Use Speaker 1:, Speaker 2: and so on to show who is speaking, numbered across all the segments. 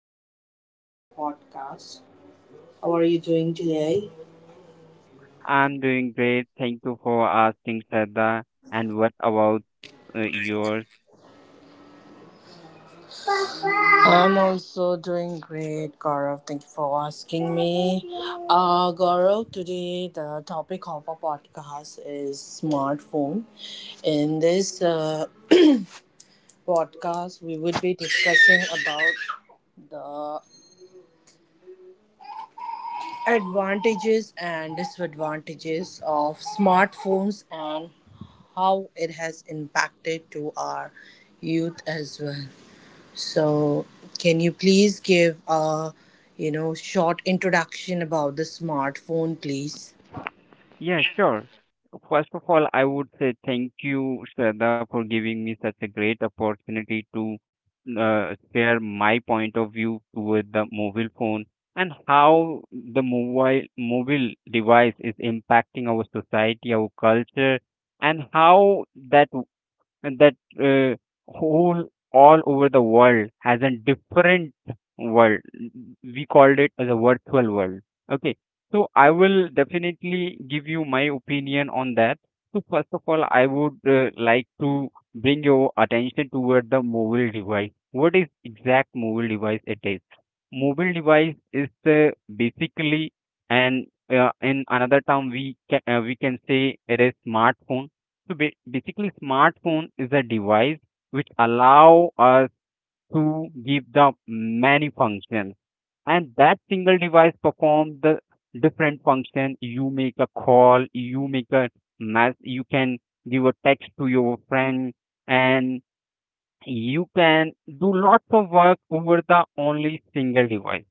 Speaker 1: to Shraddha Podcast. How are you doing today?
Speaker 2: I'm doing great. Thank you for asking, Shraddha. And what about yours?
Speaker 1: I'm also doing great, Gaurav. Thank you for asking me. Gaurav, today the topic of our podcast is smartphone. In this podcast, we will be discussing about the advantages and disadvantages of smartphones and how it has impacted to our youth as well. So, can you please give a short introduction about the smartphone, please?
Speaker 2: Yeah, sure. First of all, I would say thank you, Shraddha, for giving me such a great opportunity to share my point of view with the mobile phone and how the mobile device is impacting our society, our culture, and how that and that uh, whole all over the world has a different world. We called it as a virtual world. Okay, so I will definitely give you my opinion on that. So first of all, I would like to bring your attention toward the mobile device. What is exact mobile device it is? Mobile device is basically and in another term we can say it is smartphone, so basically, smartphone is a device which allow us to give the many functions, and that single device perform the different function. You make a call, you make a mess, you can give a text to your friend, and you can do lots of work over the only single device.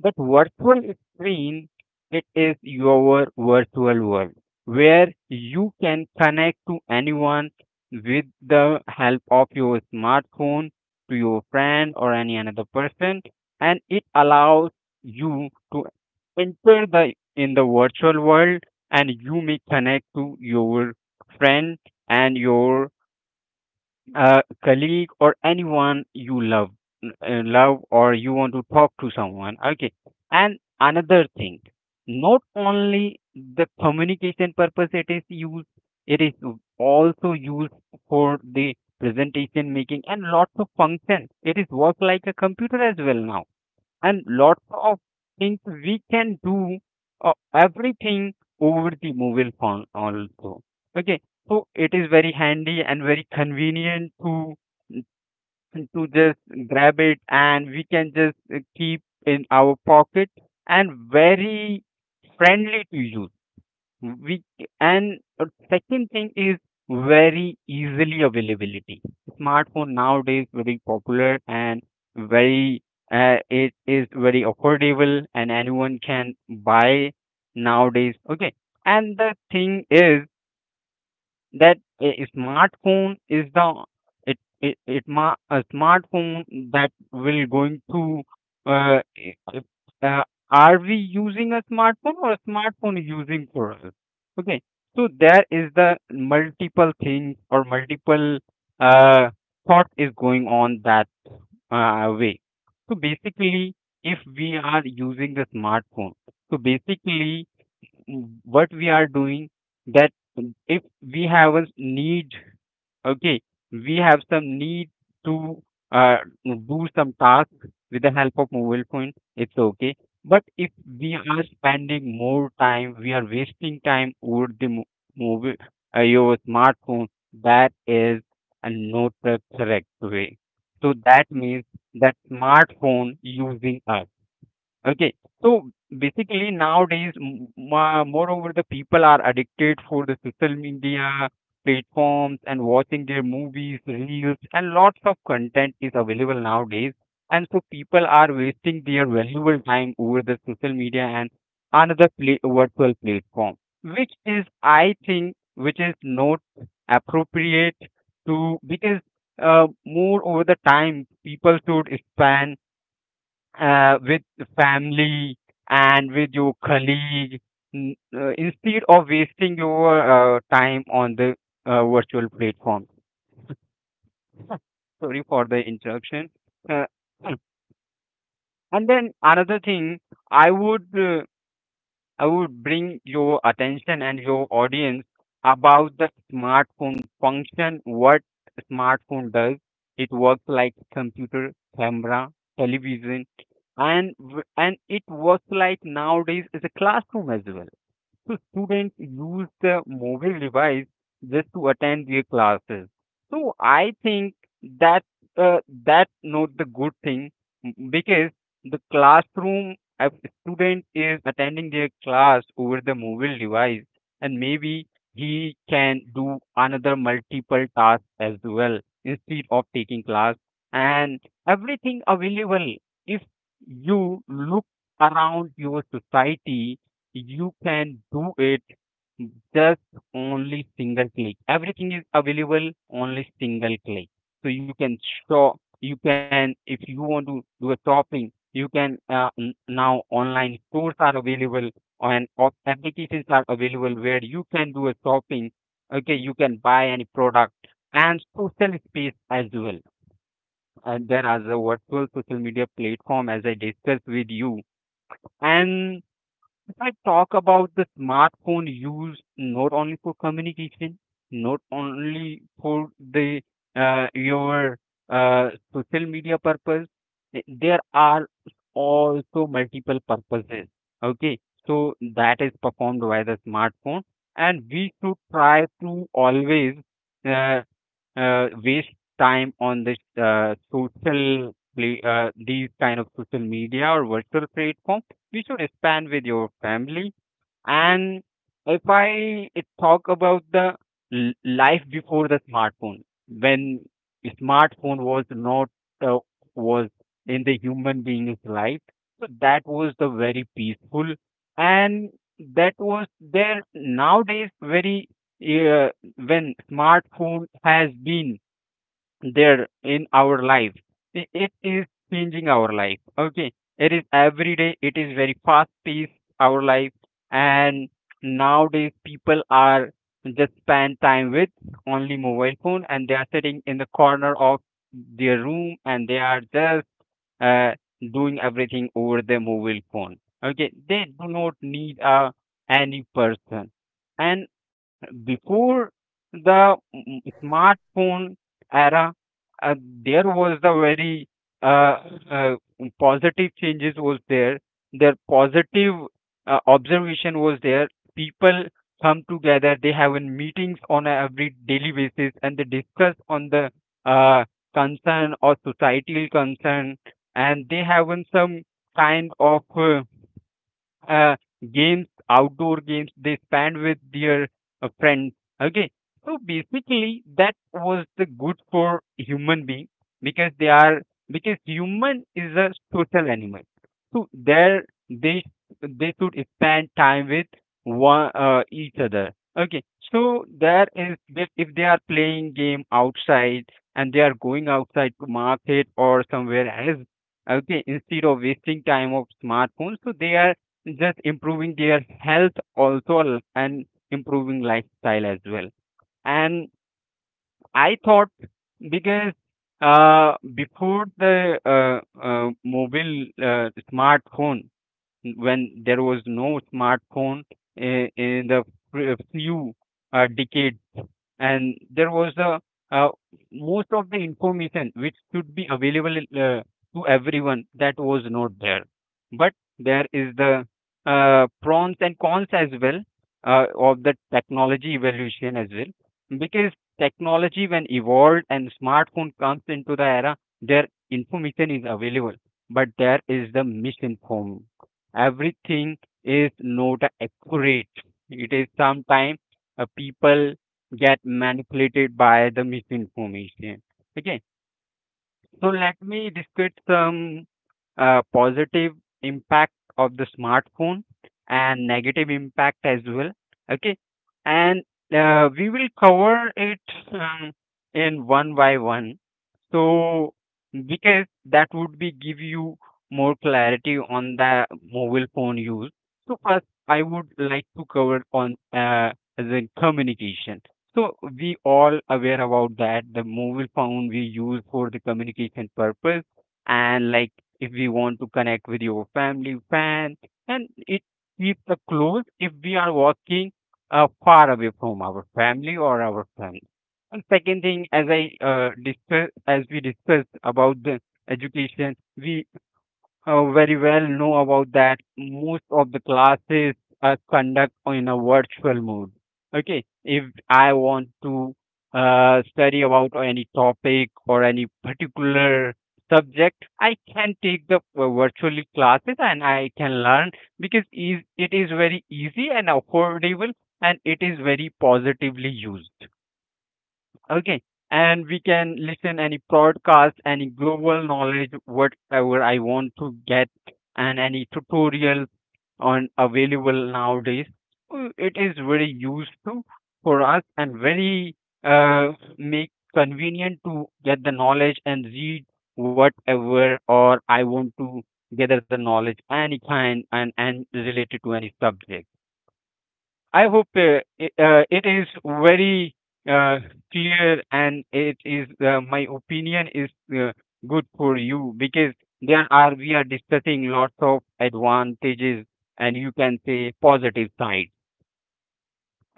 Speaker 2: That virtual screen, it is your virtual world where you can connect to anyone with the help of your smartphone to your friend or any another person, and it allows you to enter the in the virtual world, and you may connect to your friend and your a colleague or anyone you love, love, or you want to talk to someone. Okay, and another thing, not only the communication purpose it is used, it is also used for the presentation making, and lots of functions, it is work like a computer as well now, and lots of things we can do, everything over the mobile phone also. Okay, so it is very handy and very convenient to just grab it and we can just keep in our pocket and very friendly to use. We and second thing is very easily availability. Smartphone nowadays very popular and very, it is very affordable and anyone can buy nowadays. Okay, and the thing is that a smartphone is the a smartphone that will going to, uh, i- i- uh, are we using a smartphone or a smartphone is using for us, okay? So there is the multiple things or multiple uh, thought is going on that way. So basically, if we are using the smartphone, so basically, what we are doing, that, if we have a need, okay, we have some need to uh, do some task with the help of mobile phone, it's okay. But if we are spending more time, we are wasting time over the mobile, your smartphone, that is a not the correct way. So that means that smartphone using us. Okay. So basically nowadays, moreover, the people are addicted for the social media platforms and watching their movies, reels, and lots of content is available nowadays. And so people are wasting their valuable time over the social media and another pla virtual platform, which is, I think, which is not appropriate to, because more over the time people should spend with family and with your colleague, instead of wasting your time on the virtual platform. Sorry for the interruption. Uh, and then another thing, I would uh, I would bring your attention and your audience about the smartphone function. What smartphone does? It works like computer, camera, television, and and it works like nowadays is a classroom as well, so students use the mobile device just to attend their classes. So I think that, uh, that's not the good thing, because the classroom, a student is attending their class over the mobile device and maybe he can do another multiple task as well instead of taking class. And everything available, if you look around your society, you can do it, just only single click everything is available, only single click. So you can shop, you can, if you want to do a shopping, you can, now online stores are available and applications are available where you can do a shopping. Okay, you can buy any product, and social space as well. And there are the virtual social media platform, as I discussed with you. And I talk about the smartphone use, not only for communication, not only for the your social media purpose. There are also multiple purposes. Okay, so that is performed by the smartphone, and we should try to always uh, waste time on this social play, these kind of social media or virtual platform. You should spend with your family. And if I talk about the life before the smartphone, when smartphone was not uh, was in the human being's life, so that was the very peaceful. And that was there nowadays very, uh, when smartphone has been there in our life, it is changing our life. Okay. It is every day, it is very fast paced, our life. And nowadays, people are just spend time with only mobile phone and they are sitting in the corner of their room and they are just uh, doing everything over their mobile phone. Okay. They do not need any person. And before the smartphone era, uh, there was the very, uh, uh, positive changes was there. Their positive observation was there. People come together. They have in meetings on a every daily basis and they discuss on the uh, concern or societal concern, and they have in some kind of uh, games, outdoor games they spend with their friends. Okay, so basically that was the good for human being, because they are, because human is a social animal. So there, they they should spend time with one, each other. Okay, so there is that, if they are playing game outside and they are going outside to market or somewhere else, okay, instead of wasting time of smartphones, so they are just improving their health also, and improving lifestyle as well. And I thought, because before the mobile smartphone, when there was no smartphone in the few decades, and there was the uh, most of the information which should be available to everyone, that was not there. But there is the pros and cons as well of the technology evolution as well, because technology when evolved and smartphone comes into the era, their information is available, but there is the misinformed, everything is not accurate. It is sometimes, people get manipulated by the misinformation. Okay, so let me discuss some positive impact of the smartphone and negative impact as well. Okay, and we will cover it, um, in one by one, so, because that would be give you more clarity on the mobile phone use. So first I would like to cover on the communication. So we all aware about that the mobile phone we use for the communication purpose, and like, if we want to connect with your family friends, and it keeps us close if we are walking far away from our family or our friends. And second thing, as I discuss as we discussed about the education, we very well know about that most of the classes are conduct in a virtual mode. Okay, if I want to study about any topic or any particular subject, I can take the virtually classes and I can learn, because is it is very easy and affordable and it is very positively used. Okay. And we can listen any podcast, any global knowledge, whatever I want to get, and any tutorial on available nowadays. It is very useful for us and very make convenient to get the knowledge and read whatever or I want to gather the knowledge any kind and related to any subject. I hope it is very uh, clear and it is, my opinion is uh, good for you, because there are we are discussing lots of advantages, and you can say positive side.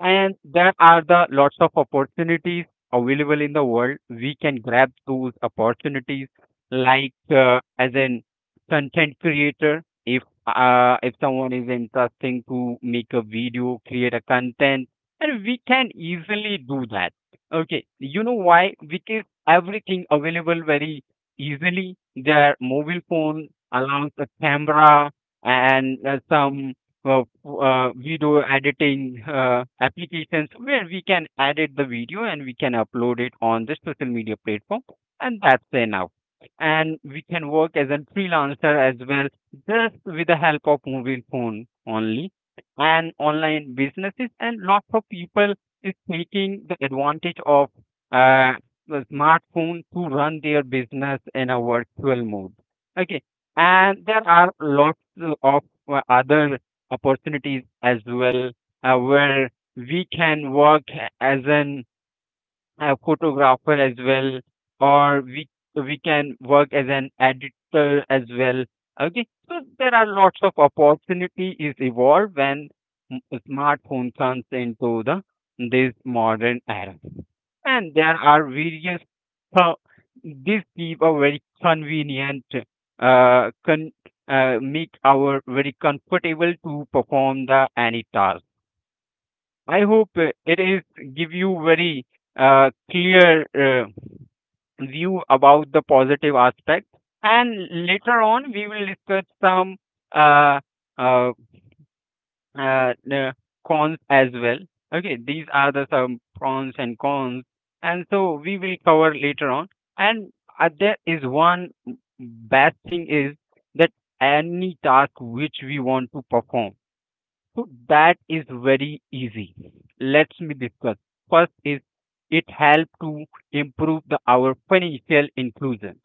Speaker 2: And there are the lots of opportunities available in the world. We can grab those opportunities, like as an content creator. If someone is interesting to make a video, create a content, and we can easily do that. Okay, you know why? Because everything available very easily. Their mobile phone allows a camera and some video editing applications where we can edit the video and we can upload it on the social media platform, and that's enough. And we can work as a freelancer as well, just with the help of mobile phone only, and online businesses. And lots of people is taking the advantage of uh, the smartphone to run their business in a virtual mode. Okay, and there are lots of other opportunities as well, where we can work as an photographer as well, or we can work as an editor as well. Okay, so there are lots of opportunity is evolved when m- smartphone comes into the this modern era, and there are various pro- this give a very convenient uh, con- make our very comfortable to perform the any task. I hope it is give you very clear uh, view about the positive aspect, and later on we will discuss some uh, uh, the cons as well. Okay, these are the some pros and cons, and so we will cover later on. And there is one bad thing is that any task which we want to perform, so that is very easy. Let's me discuss. First is it help to improve the our financial inclusion.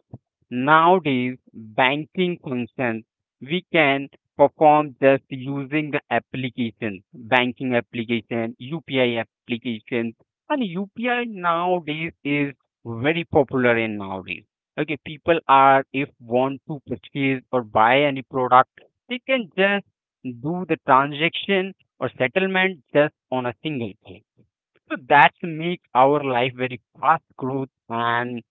Speaker 2: Nowadays, banking functions we can perform just using the application, banking application, UPI application, and UPI nowadays is very popular in nowadays. Okay, people are if want to purchase or buy any product, they can just do the transaction or settlement just on a single click. So that makes our life very fast growth and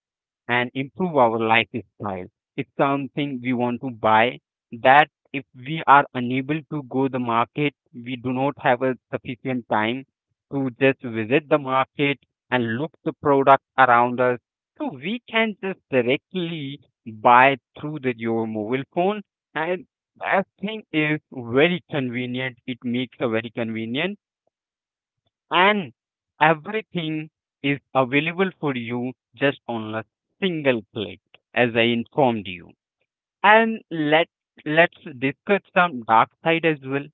Speaker 2: and improve our lifestyle. It's something we want to buy that if we are unable to go the market, we do not have a sufficient time to just visit the market and look the product around us. So we can just directly buy through the your mobile phone, and that thing is very convenient. It makes a very convenient and everything is available for you just on a single click, as I informed you. And let's discuss some dark side as well.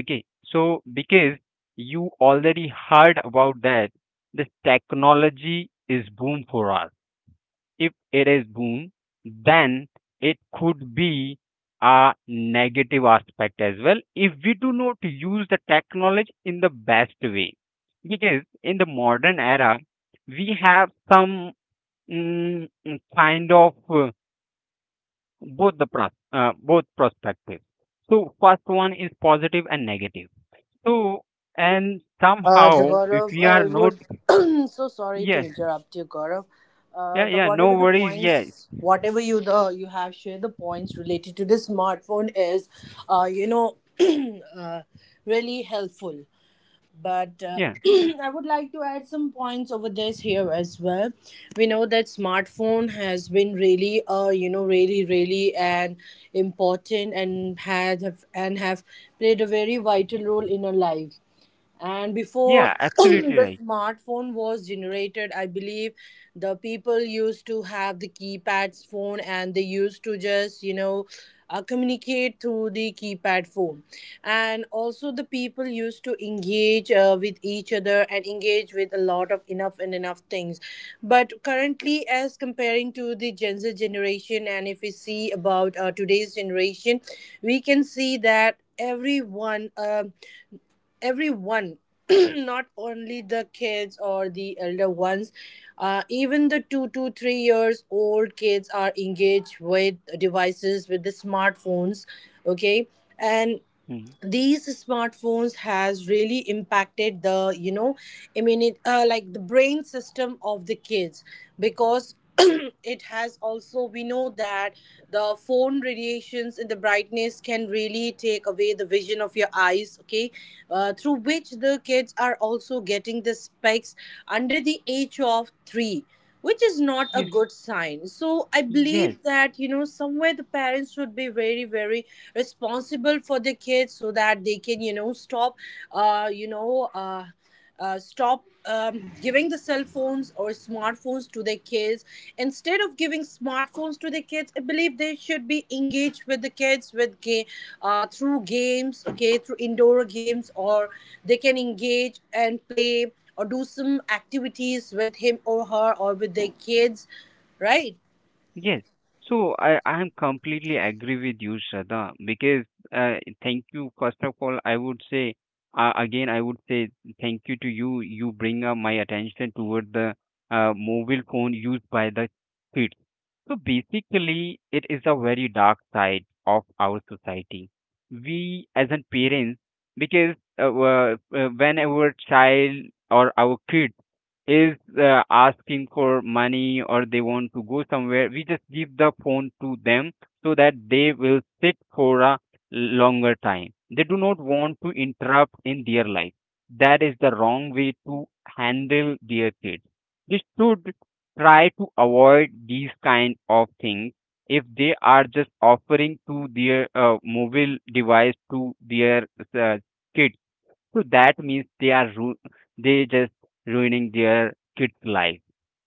Speaker 2: Okay, so because you already heard about that this technology is boom for us. If it is boom, then it could be a negative aspect as well if we do not use the technology in the best way. Because in the modern era, we have some kind of both the both perspectives. So first one is positive and negative. So and
Speaker 1: The
Speaker 2: somehow if
Speaker 1: Gaurav,
Speaker 2: we are
Speaker 1: I
Speaker 2: not.
Speaker 1: would so sorry to
Speaker 2: Yeah.
Speaker 1: interrupt you, Gaurav.
Speaker 2: Yeah,
Speaker 1: The
Speaker 2: yeah, no
Speaker 1: whatever the
Speaker 2: worries. Yeah.
Speaker 1: points, whatever you have shared the points related to the smartphone is, uh, you know, uh, really helpful. But
Speaker 2: Yeah,
Speaker 1: I would like to add some points over this here as well. We know that smartphone has been really, really an important and have played a very vital role in our life and before
Speaker 2: yeah, absolutely
Speaker 1: the
Speaker 2: right.
Speaker 1: smartphone was generated, I believe the people used to have the keypads phone and they used to just communicate through the keypad phone. And also the people used to engage with each other and engage with a lot of enough and enough things. But currently as comparing to the Gen Z generation, and if we see about today's generation, we can see that everyone not only the kids or the elder ones, even the 2 to 3 years old kids are engaged with devices, with the smartphones. Okay. And
Speaker 2: Hmm.
Speaker 1: these smartphones has really impacted the, immune like the brain system of the kids, because it has also, we know that the phone radiations and the brightness can really take away the vision of your eyes. Okay. Through which the kids are also getting the specs under the age of 3, which is not a
Speaker 2: Yeah.
Speaker 1: good sign. So I
Speaker 2: Yes,
Speaker 1: believe that, somewhere the parents should be very, very responsible for their kids, so that they can, stop, uh you know uh stop giving the cell phones or smartphones to their kids. Instead of giving smartphones to their kids, I believe they should be engaged with the kids with through games, okay, through indoor games, or they can engage and play or do some activities with him or her or with their kids, right?
Speaker 2: yes. So I am completely agree with you, Shraddha, because uh, thank you. First of all, I would say, again, I would say thank you to you. You bring up my attention toward the mobile phone used by the kids. So basically, it is a very dark side of our society. We as an parents, because whenever child or our kid is asking for money or they want to go somewhere, we just give the phone to them so that they will sit for a longer time. They do not want to interrupt in their life. That is the wrong way to handle their kids. They should try to avoid these kind of things if they are just offering to their mobile device to their uh, kids, so that means they just ruining their kids' life.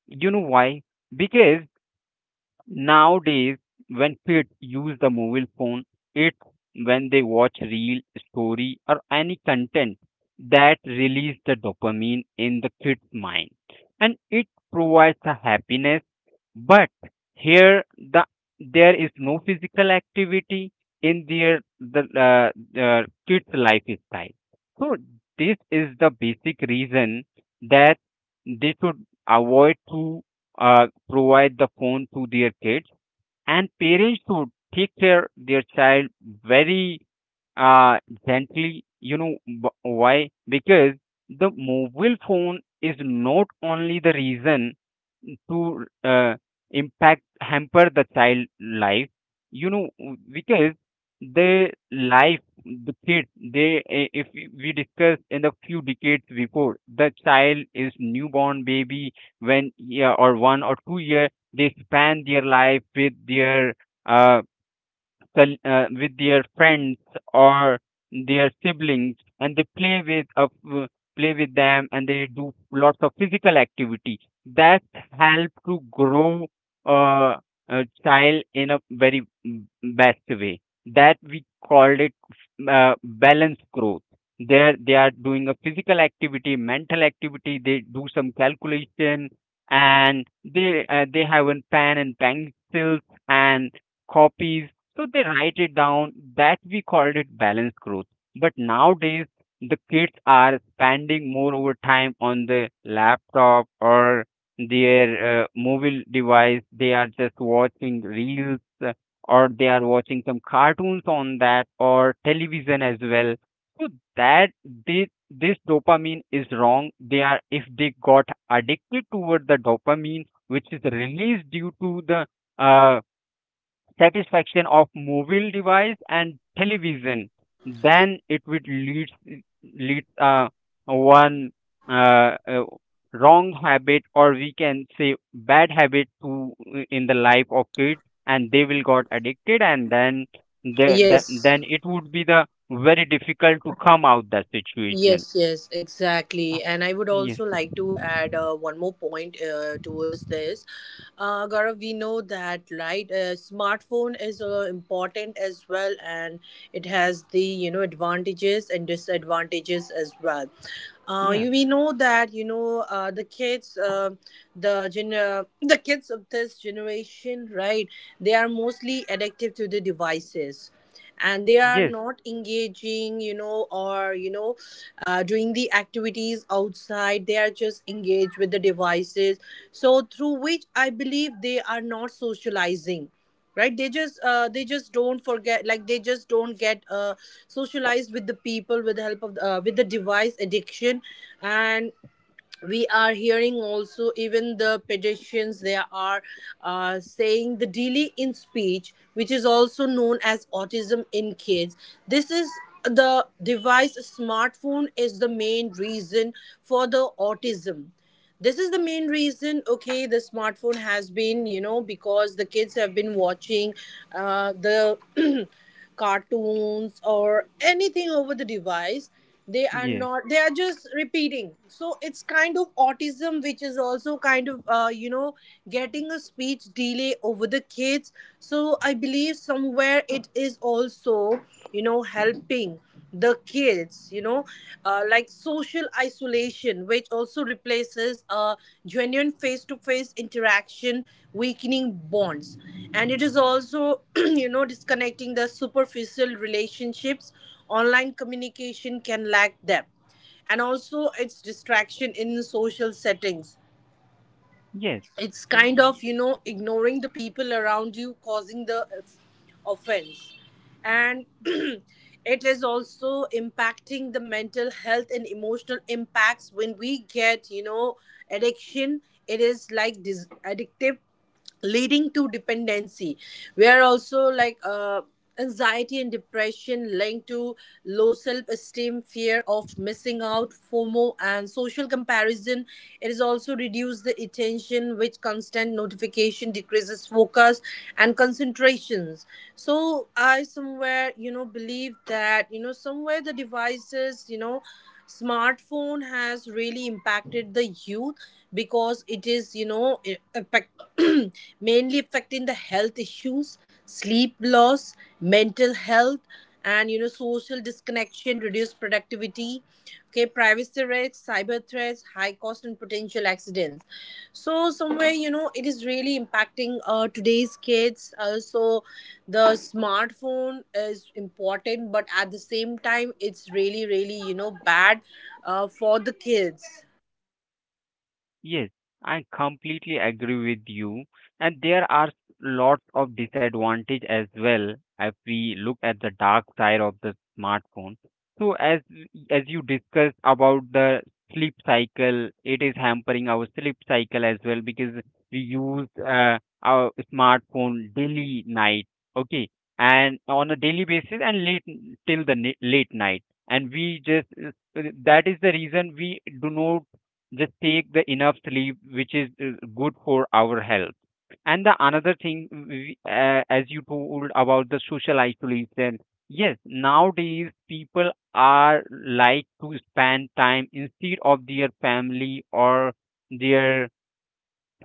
Speaker 2: You know why? Because nowadays when kids use the mobile phone, it's when they watch real story or any content that release the dopamine in the kid's mind, and it provides a happiness. But here there is no physical activity in their the kids' lifestyle. So this is the basic reason that they should avoid to provide the phone to their kids, and parents should take care their child very uh, gently. You know why? Because the mobile phone is not only the reason to impact hamper the child life, you know, because the life the kid they if we discuss in the few decades before, the child is newborn baby. When, yeah, or 1 or 2 year they span their life with their uh, with their friends or their siblings, and they play with play with them, and they do lots of physical activity that help to grow uh, a child in a very best way, that we called it balanced growth. There they are doing a physical activity, mental activity. They do some calculation, and they have a pen and pencils and copies, so they write it down, that we called it balanced growth. But nowadays, the kids are spending more over time on the laptop or their mobile device. They are just watching reels, or they are watching some cartoons on that or television as well. So that this dopamine is wrong. They are if they got addicted toward the dopamine, which is released due to the uh, satisfaction of mobile device and television, then it would lead one uh, uh, wrong habit, or we can say bad habit, to in the life of kids, and they will got addicted, and then
Speaker 1: Yes.
Speaker 2: then it would be the very difficult to come out that situation.
Speaker 1: Yes, yes, exactly.
Speaker 2: Ah.
Speaker 1: And I would
Speaker 2: Yes.
Speaker 1: also like to add one more point towards this. Gaurav, we know that, right? Smartphone is important as well, and it has the, advantages and disadvantages as well.
Speaker 2: Yeah.
Speaker 1: You, we know that, the kids, the kids of this generation, right? They are mostly addicted to the devices, and they are
Speaker 2: Yes,
Speaker 1: not engaging, you know or you know doing the activities outside. They are just engaged with the devices. So through which I believe they are not socializing, right? They just they just don't forget, like they just don't get socialized with the people, with the help of the, with the device addiction. And we are hearing also, even the pedestrians, they are saying the delay in speech, which is also known as autism in kids. This is the device. Smartphone is the main reason for the autism. This is the main reason. Okay, the smartphone has been, because the kids have been watching the cartoons or anything over the device. They are
Speaker 2: yes,
Speaker 1: not, they are just repeating. So it's kind of autism, which is also kind of, getting a speech delay over the kids. So I believe somewhere it is also, helping the kids, like social isolation, which also replaces a genuine face-to-face interaction, weakening bonds. And it is also disconnecting the superficial relationships. Online communication can lack depth, and also its distraction in social settings.
Speaker 2: yes,
Speaker 1: It's kind of,
Speaker 2: yes.
Speaker 1: ignoring the people around you, causing the offense. And it is also impacting the mental health and emotional impacts. When we get, addiction, it is like addictive, leading to dependency, where also like, anxiety and depression linked to low self-esteem, fear of missing out, FOMO, and social comparison. It is also reduced the attention, which constant notification decreases focus and concentrations. So I somewhere, believe that, somewhere the devices, smartphone has really impacted the youth, because it is, it affect, mainly affecting the health issues, sleep loss, mental health, and, social disconnection, reduced productivity. Okay, privacy threats, cyber threats, high cost, and potential accidents. So somewhere, it is really impacting today's kids. So the smartphone is important, but at the same time, it's really, really, bad for the kids.
Speaker 2: Yes, I completely agree with you. And there are lots of disadvantage as well if we look at the dark side of the smartphone. So as you discussed about the sleep cycle, it is hampering our sleep cycle as well, because we use our smartphone daily night, okay, and on a daily basis and late till the late night, and we just that is the reason we do not just take the enough sleep, which is good for our health. And the another thing we, as you told about the social isolation, yes, nowadays people are like to spend time instead of their family or their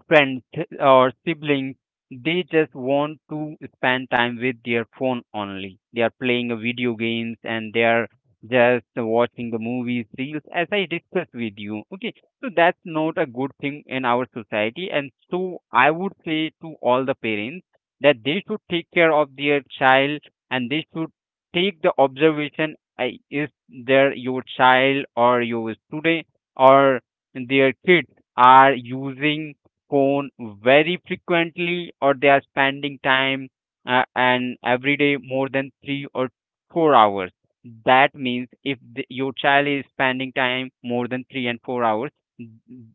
Speaker 2: friends or siblings, they just want to spend time with their phone only. They are playing a video games and they are just watching the movies, reels, as I discussed with you. Okay, so that's not a good thing in our society. And so I would say to all the parents that they should take care of their child, and they should take the observation, is there your child or your student or their kids are using phone very frequently, or they are spending time and every day more than 3 or 4 hours. That means if the, your child is spending time more than 3 and 4 hours,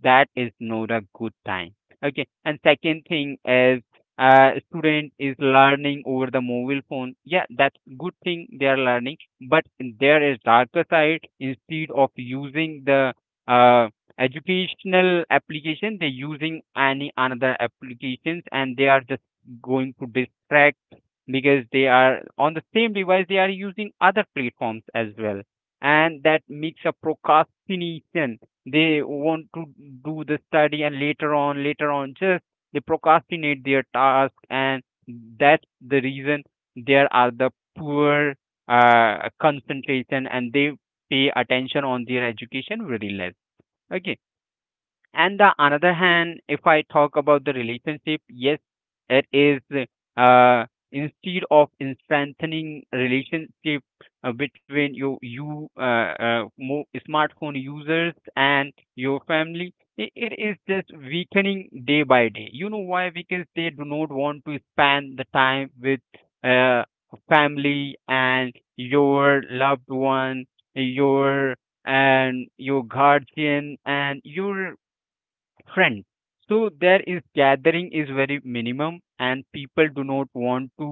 Speaker 2: that is not a good time. Okay, and second thing is, student is learning over the mobile phone, yeah, that's good thing they are learning. But there is darker side, instead of using the uh, educational application they're using any another applications, and they are just going to distract because they are on the same device they are using other platforms as well. And that makes a procrastination. They want to do the study and later on just they procrastinate their task, and that's the reason there are the poor concentration, and they pay attention on their education very less. Okay, and the another hand if I talk about the relationship, yes, it is, uh instead of in strengthening relationship between you more smartphone users and your family, it is just weakening day by day. You know why? Because they do not want to spend the time with uh, family and your loved one, your and your guardian and your friend. So there is gathering is very minimum, and people do not want to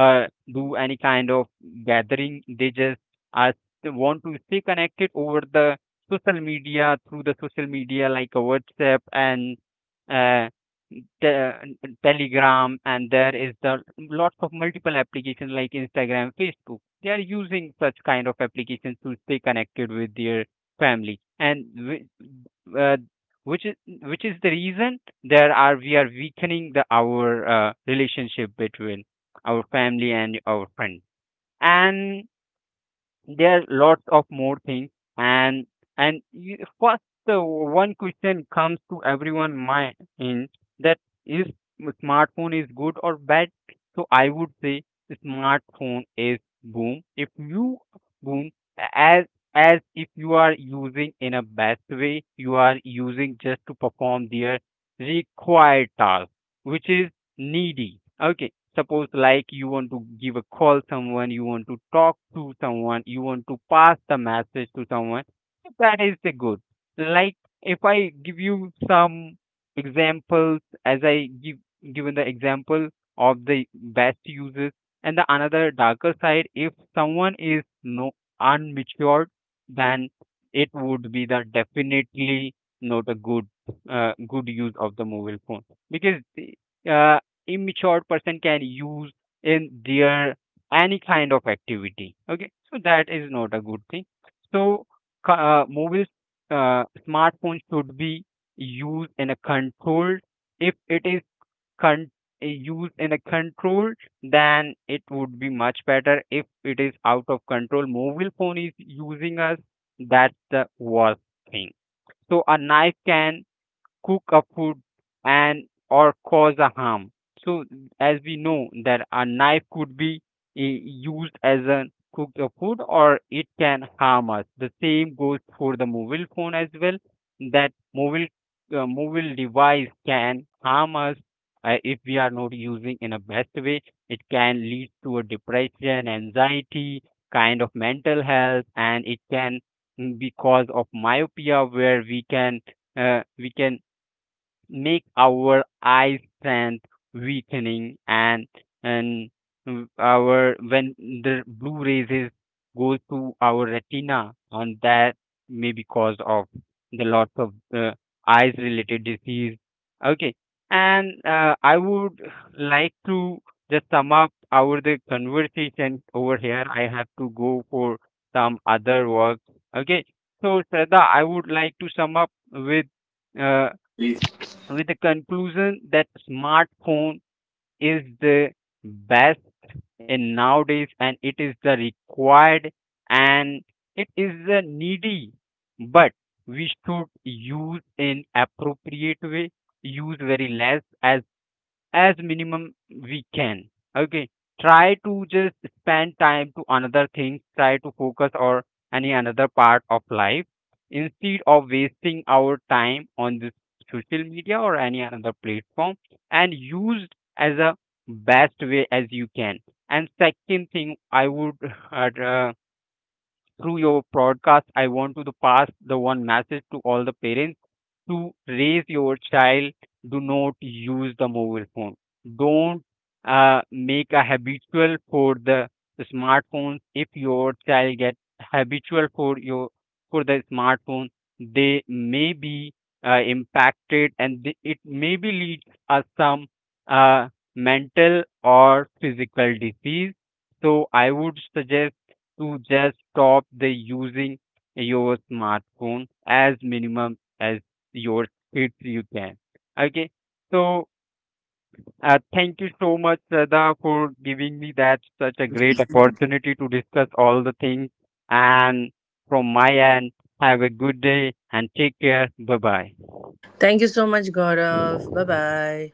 Speaker 2: uh, do any kind of gathering. They just are, they want to stay connected over the social media, through the social media like a WhatsApp and uh, Telegram, and there is the lots of multiple applications like Instagram, Facebook. They are using such kind of applications to stay connected with their family and uh, which is which is the reason there are we are weakening the our relationship between our family and our friend. And there are lots of more things, and and you, first, one question comes to everyone mind in that is, smartphone is good or bad? So I would say smartphone is boom. If you boom as as if you are using in a bad way, you are using just to perform their required task, which is needy. Okay, suppose like you want to give a call someone, you want to talk to someone, you want to pass the message to someone. That is the good. Like if I give you some examples, as I give given the example of the best uses. And the another darker side, if someone is no unmatured, then it would be the definitely not a good use of the mobile phone, because uh immature person can use in their any kind of activity. Okay, so that is not a good thing. So c- mobiles smartphones should be used in a controlled. If it is con- used in a controlled, then it would be much better. If it is out of control, mobile phone is using us, that's the worst thing. So a knife can cook a food and or cause a harm. So as we know that a knife could be used as a cook a food or it can harm us. The same goes for the mobile phone as well. That mobile device can harm us, if we are not using in a best way. It can lead to a depression, anxiety, kind of mental health, and it can be cause of myopia, where we can make our eye strength weakening, and our when the blue rays goes to our retina, and that may be cause of the lots of eyes related disease. Okay, and I would like to just sum up our the conversation over here. I have to go for some other work. Okay, so Shraddha, I would like to sum up with, uh,
Speaker 1: Please.
Speaker 2: with the conclusion that smartphone is the best in nowadays, and it is the required, and it is the needy, but we should use in appropriate way. Use very less as minimum we can. Okay, try to just spend time to another thing, try to focus or any another part of life, instead of wasting our time on this social media or any another platform, and used as a best way as you can. And second thing I would uh, through your broadcast, I want to the pass the one message to all the parents to raise your child. Do not use the mobile phone. Don't make a habitual for the smartphone. If your child get habitual for your for the smartphone, they may be impacted, and it may be leads us some uh, mental or physical disease. So I would suggest to just stop the using your smartphone as minimum as your kids you can. Okay. So thank you so much, Sada, for giving me that such a great opportunity to discuss all the things. And from my end, have a good day and take care. Bye bye.
Speaker 1: Thank you so much, Gaurav. Bye bye.